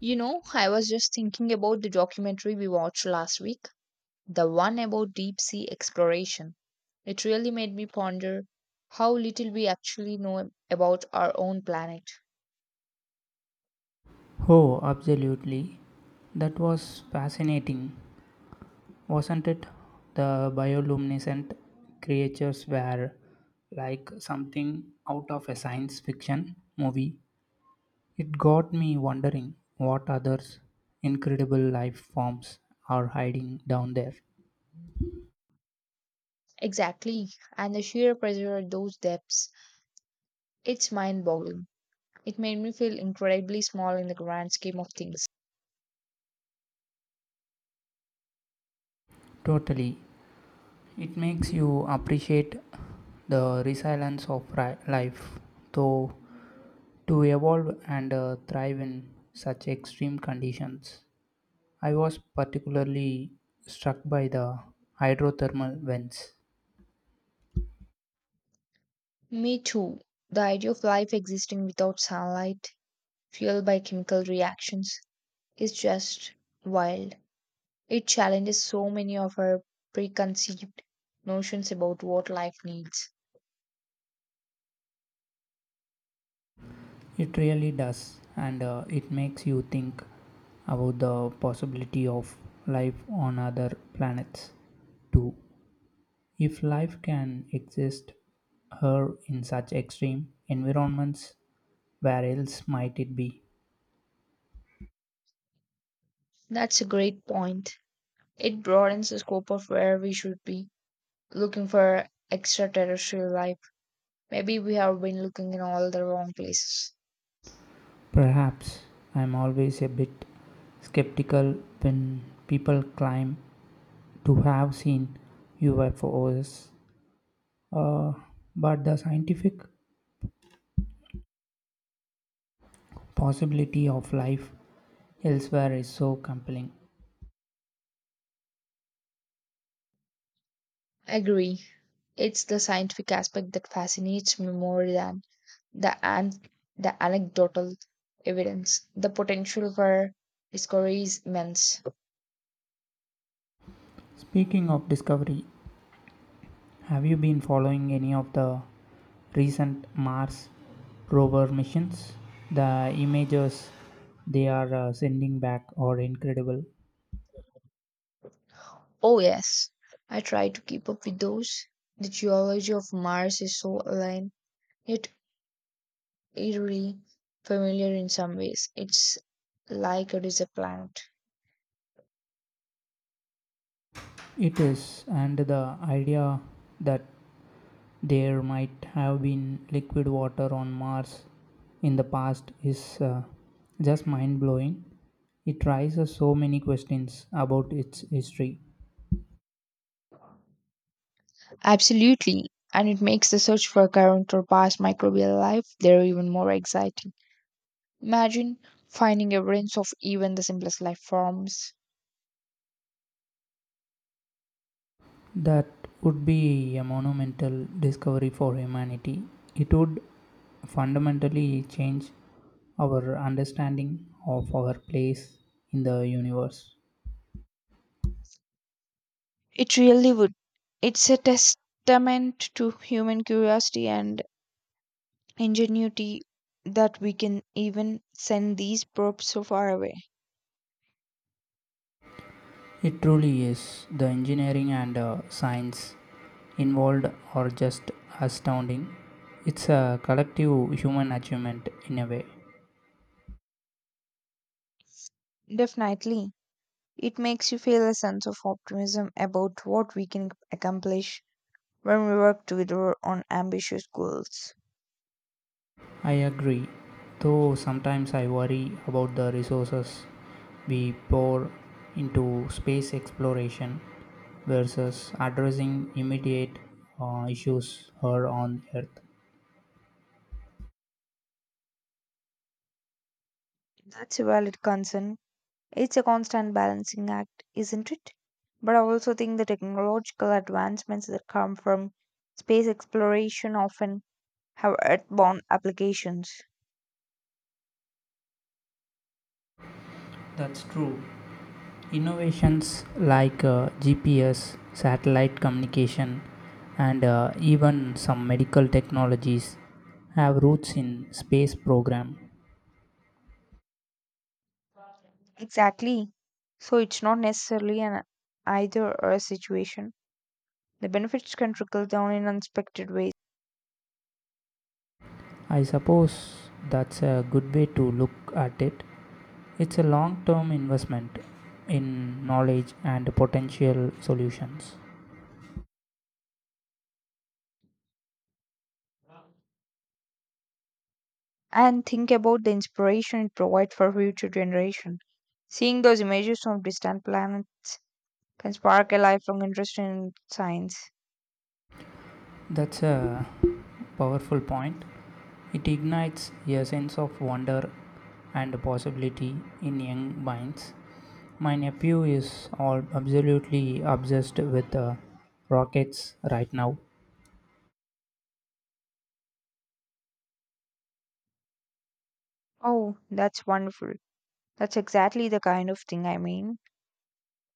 You know, I was just thinking about the documentary we watched last week, the one about deep sea exploration. It really made me ponder how little we actually know about our own planet. Oh, absolutely. That was fascinating, wasn't it? The bioluminescent creatures were like something out of a science fiction movie. It got me wondering what other incredible life forms are hiding down there. Exactly, and the sheer pressure at those depths. It's mind boggling. It made me feel incredibly small in the grand scheme of things. Totally. It makes you appreciate the resilience of life, though, to evolve and thrive in such extreme conditions. I was particularly struck by the hydrothermal vents. Me too. The idea of life existing without sunlight, fueled by chemical reactions, is just wild. It challenges so many of our preconceived notions about what life needs. It really does, and it makes you think about the possibility of life on other planets too. If life can exist here in such extreme environments, where else might it be? That's a great point. It broadens the scope of where we should be looking for extraterrestrial life. Maybe we have been looking in all the wrong places. Perhaps I'm always a bit skeptical when people claim to have seen UFOs. Uh, but the scientific possibility of life elsewhere is so compelling. Agree. It's the scientific aspect that fascinates me more than the an- the anecdotal evidence. The potential for discovery is immense. Speaking of discovery, have you been following any of the recent Mars rover missions? The images they are sending back are incredible. Oh, yes. I try to keep up with those. The geology of Mars is so alien, yet eerily familiar in some ways. It's like it is a planet. It is, and the idea that there might have been liquid water on Mars in the past is just mind blowing. It raises so many questions about its history. Absolutely. And it makes the search for current or past microbial life there even more exciting. Imagine finding evidence of even the simplest life forms. That would be a monumental discovery for humanity. It would fundamentally change our understanding of our place in the universe. It really would. It's a testament to human curiosity and ingenuity that we can even send these probes so far away. It truly is. The engineering and science involved are just astounding. It's a collective human achievement in a way. Definitely, it makes you feel a sense of optimism about what we can accomplish when we work together on ambitious goals. I agree, though sometimes I worry about the resources we pour into space exploration versus addressing immediate issues here on Earth. That's a valid concern. It's a constant balancing act, isn't it? But I also think the technological advancements that come from space exploration often have earthbound applications. That's true. Innovations like GPS, satellite communication, and even some medical technologies have roots in space program. Exactly. So it's not necessarily an either or situation. The benefits can trickle down in unexpected ways. I suppose that's a good way to look at it. It's a long term investment in knowledge and potential solutions. And think about the inspiration it provides for future generations. Seeing those images from distant planets can spark a lifelong interest in science. That's a powerful point. It ignites a sense of wonder and possibility in young minds. My nephew is all absolutely obsessed with rockets right now. Oh, that's wonderful. That's exactly the kind of thing I mean.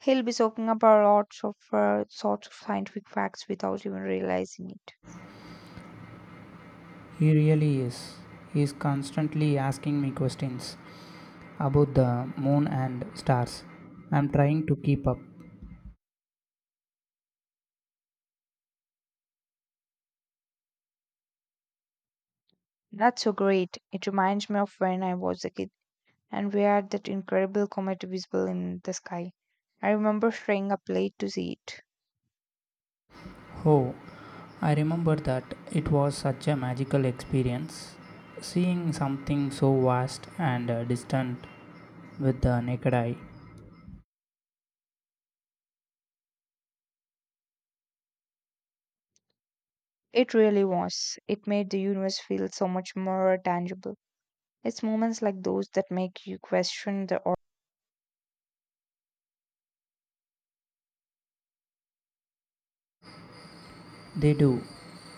He'll be soaking up our lots of sorts of scientific facts without even realizing it. He really is. He is constantly asking me questions about the moon and stars. I'm trying to keep up. That's so great. It reminds me of when I was a kid and we had that incredible comet visible in the sky. I remember staying up late to see it. Oh, I remember that. It was such a magical experience seeing something so vast and distant with the naked eye. It really was. It made the universe feel so much more tangible. It's moments like those that make you question the or. They do.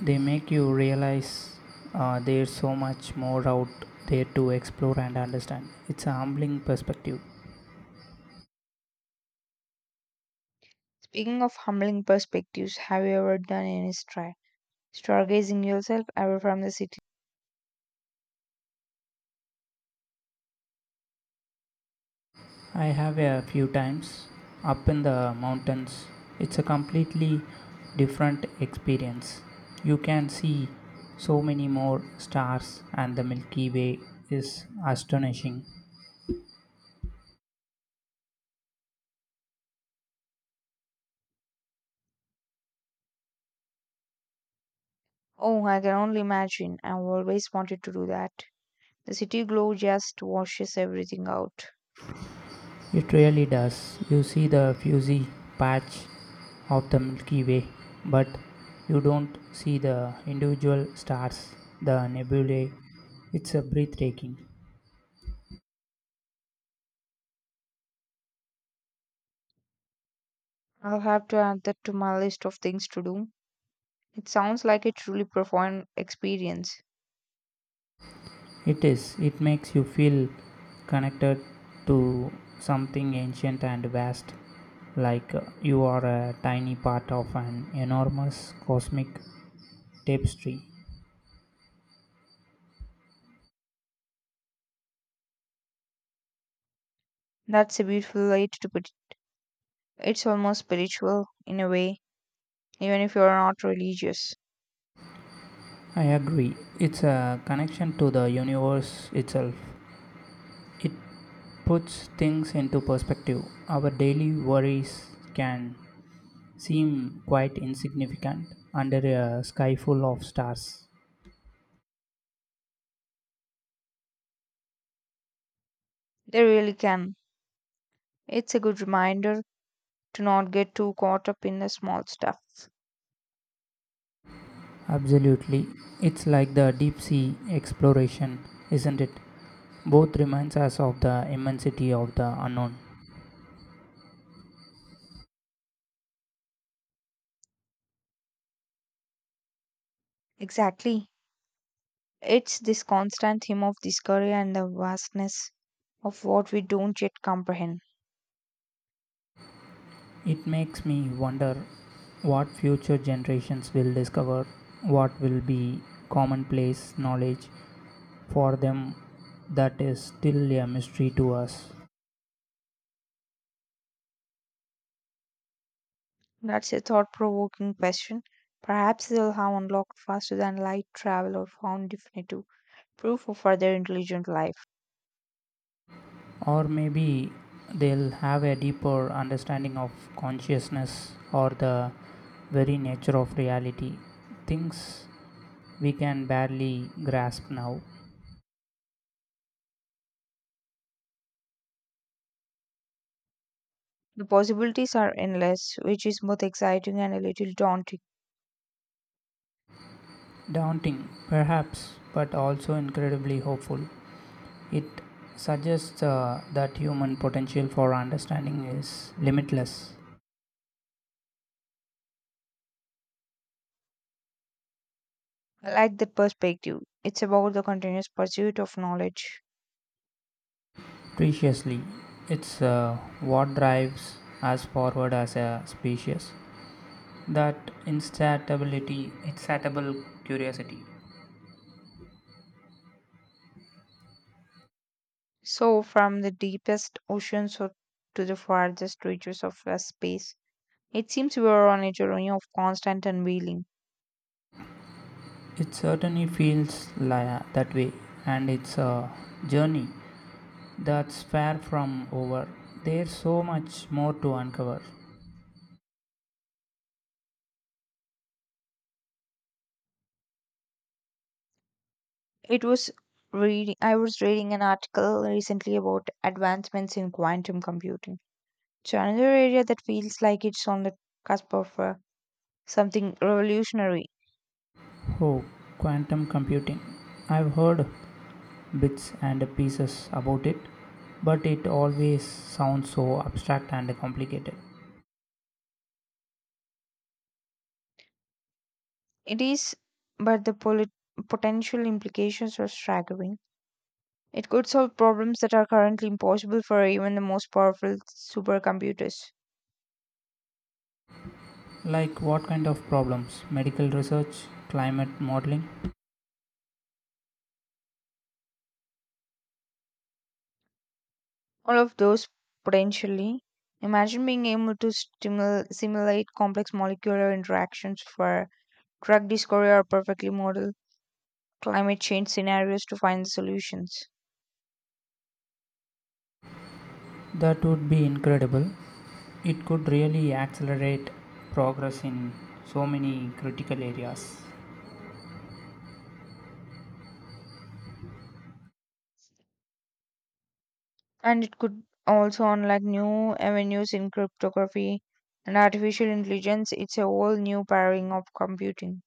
They make you realize there's so much more out there to explore and understand. It's a humbling perspective. Speaking of humbling perspectives, have you ever done any stargazing yourself ever from the city? I have a few times up in the mountains. It's a completely different experience. You can see so many more stars, and the Milky Way is astonishing. Oh, I can only imagine. I've always wanted to do that. The city glow just washes everything out. It really does. You see the fuzzy patch of the Milky Way, but you don't see the individual stars, the nebulae. It's a breathtaking. I'll have to add that to my list of things to do. It sounds like a truly profound experience. It is. It makes you feel connected to something ancient and vast, like you are a tiny part of an enormous cosmic tapestry. That's a beautiful way to put it. It's almost spiritual in a way, even if you're not religious. I agree. It's a connection to the universe itself. It puts things into perspective. Our daily worries can seem quite insignificant under a sky full of stars. They really can. It's a good reminder to not get too caught up in the small stuff. Absolutely. It's like the deep sea exploration, isn't it? Both reminds us of the immensity of the unknown. Exactly. It's this constant theme of discovery and the vastness of what we don't yet comprehend. It makes me wonder what future generations will discover, what will be commonplace knowledge for them that is still a mystery to us. That's a thought provoking question. Perhaps they'll have unlocked faster than light travel or found definitive proof of further intelligent life. Or maybe they'll have a deeper understanding of consciousness or the very nature of reality. Things we can barely grasp now. The possibilities are endless, which is both exciting and a little daunting. Daunting, perhaps, but also incredibly hopeful. It suggests that human potential for understanding is limitless. I like that perspective. It's about the continuous pursuit of knowledge. Preciously, it's what drives us forward as a species. That instability, insatiable curiosity. So, from the to the farthest reaches of the space, it seems we are on a journey of constant unveiling. It certainly feels that way, and it's a journey that's far from over. There's so much more to uncover. It was reading. I was reading an article recently about advancements in quantum computing. It's another area that feels like it's on the cusp of something revolutionary. Oh, quantum computing. I've heard bits and pieces about it, but it always sounds so abstract and complicated. It is, but the potential implications are staggering. It could solve problems that are currently impossible for even the most powerful supercomputers. Like what kind of problems? Medical research, climate modeling? All of those potentially. Imagine being able to simulate complex molecular interactions for drug discovery or perfectly model climate change scenarios to find the solutions. That would be incredible. It could really accelerate progress in so many critical areas. And it could also unlock new avenues in cryptography and artificial intelligence. It's a whole new paradigm of computing.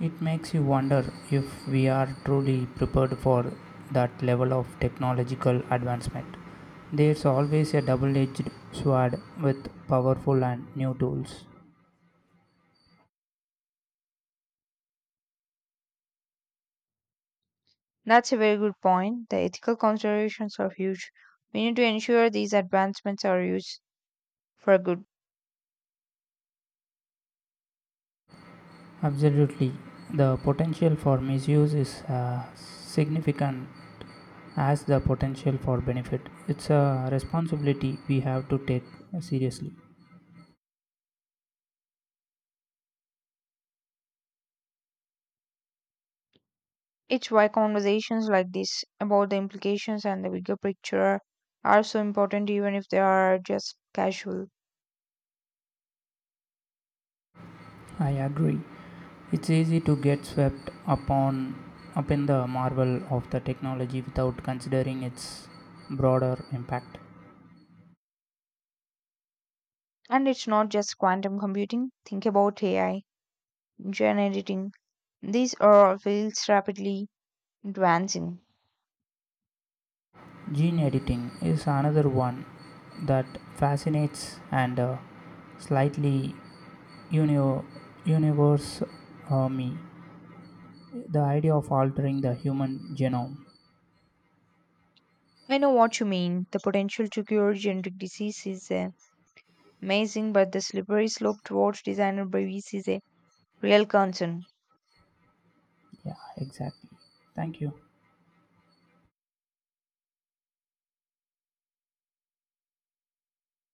It makes you wonder if we are truly prepared for that level of technological advancement. There's always a double edged sword with powerful and new tools. That's a very good point. The ethical considerations are huge. We need to ensure these advancements are used for good. Absolutely, the potential for misuse is significant as the potential for benefit. It's a responsibility we have to take seriously. It's why conversations like this about the implications and the bigger picture are so important, even if they are just casual. I agree. It's easy to get swept upon up in the marvel of the technology without considering its broader impact. And it's not just quantum computing. Think about AI, gene editing. These are all fields rapidly advancing. Gene editing is another one that fascinates and slightly uni- universe me. The idea of altering the human genome. I know what you mean. The potential to cure genetic disease is amazing, but the slippery slope towards designer bias is a real concern. Yeah, exactly. Thank you.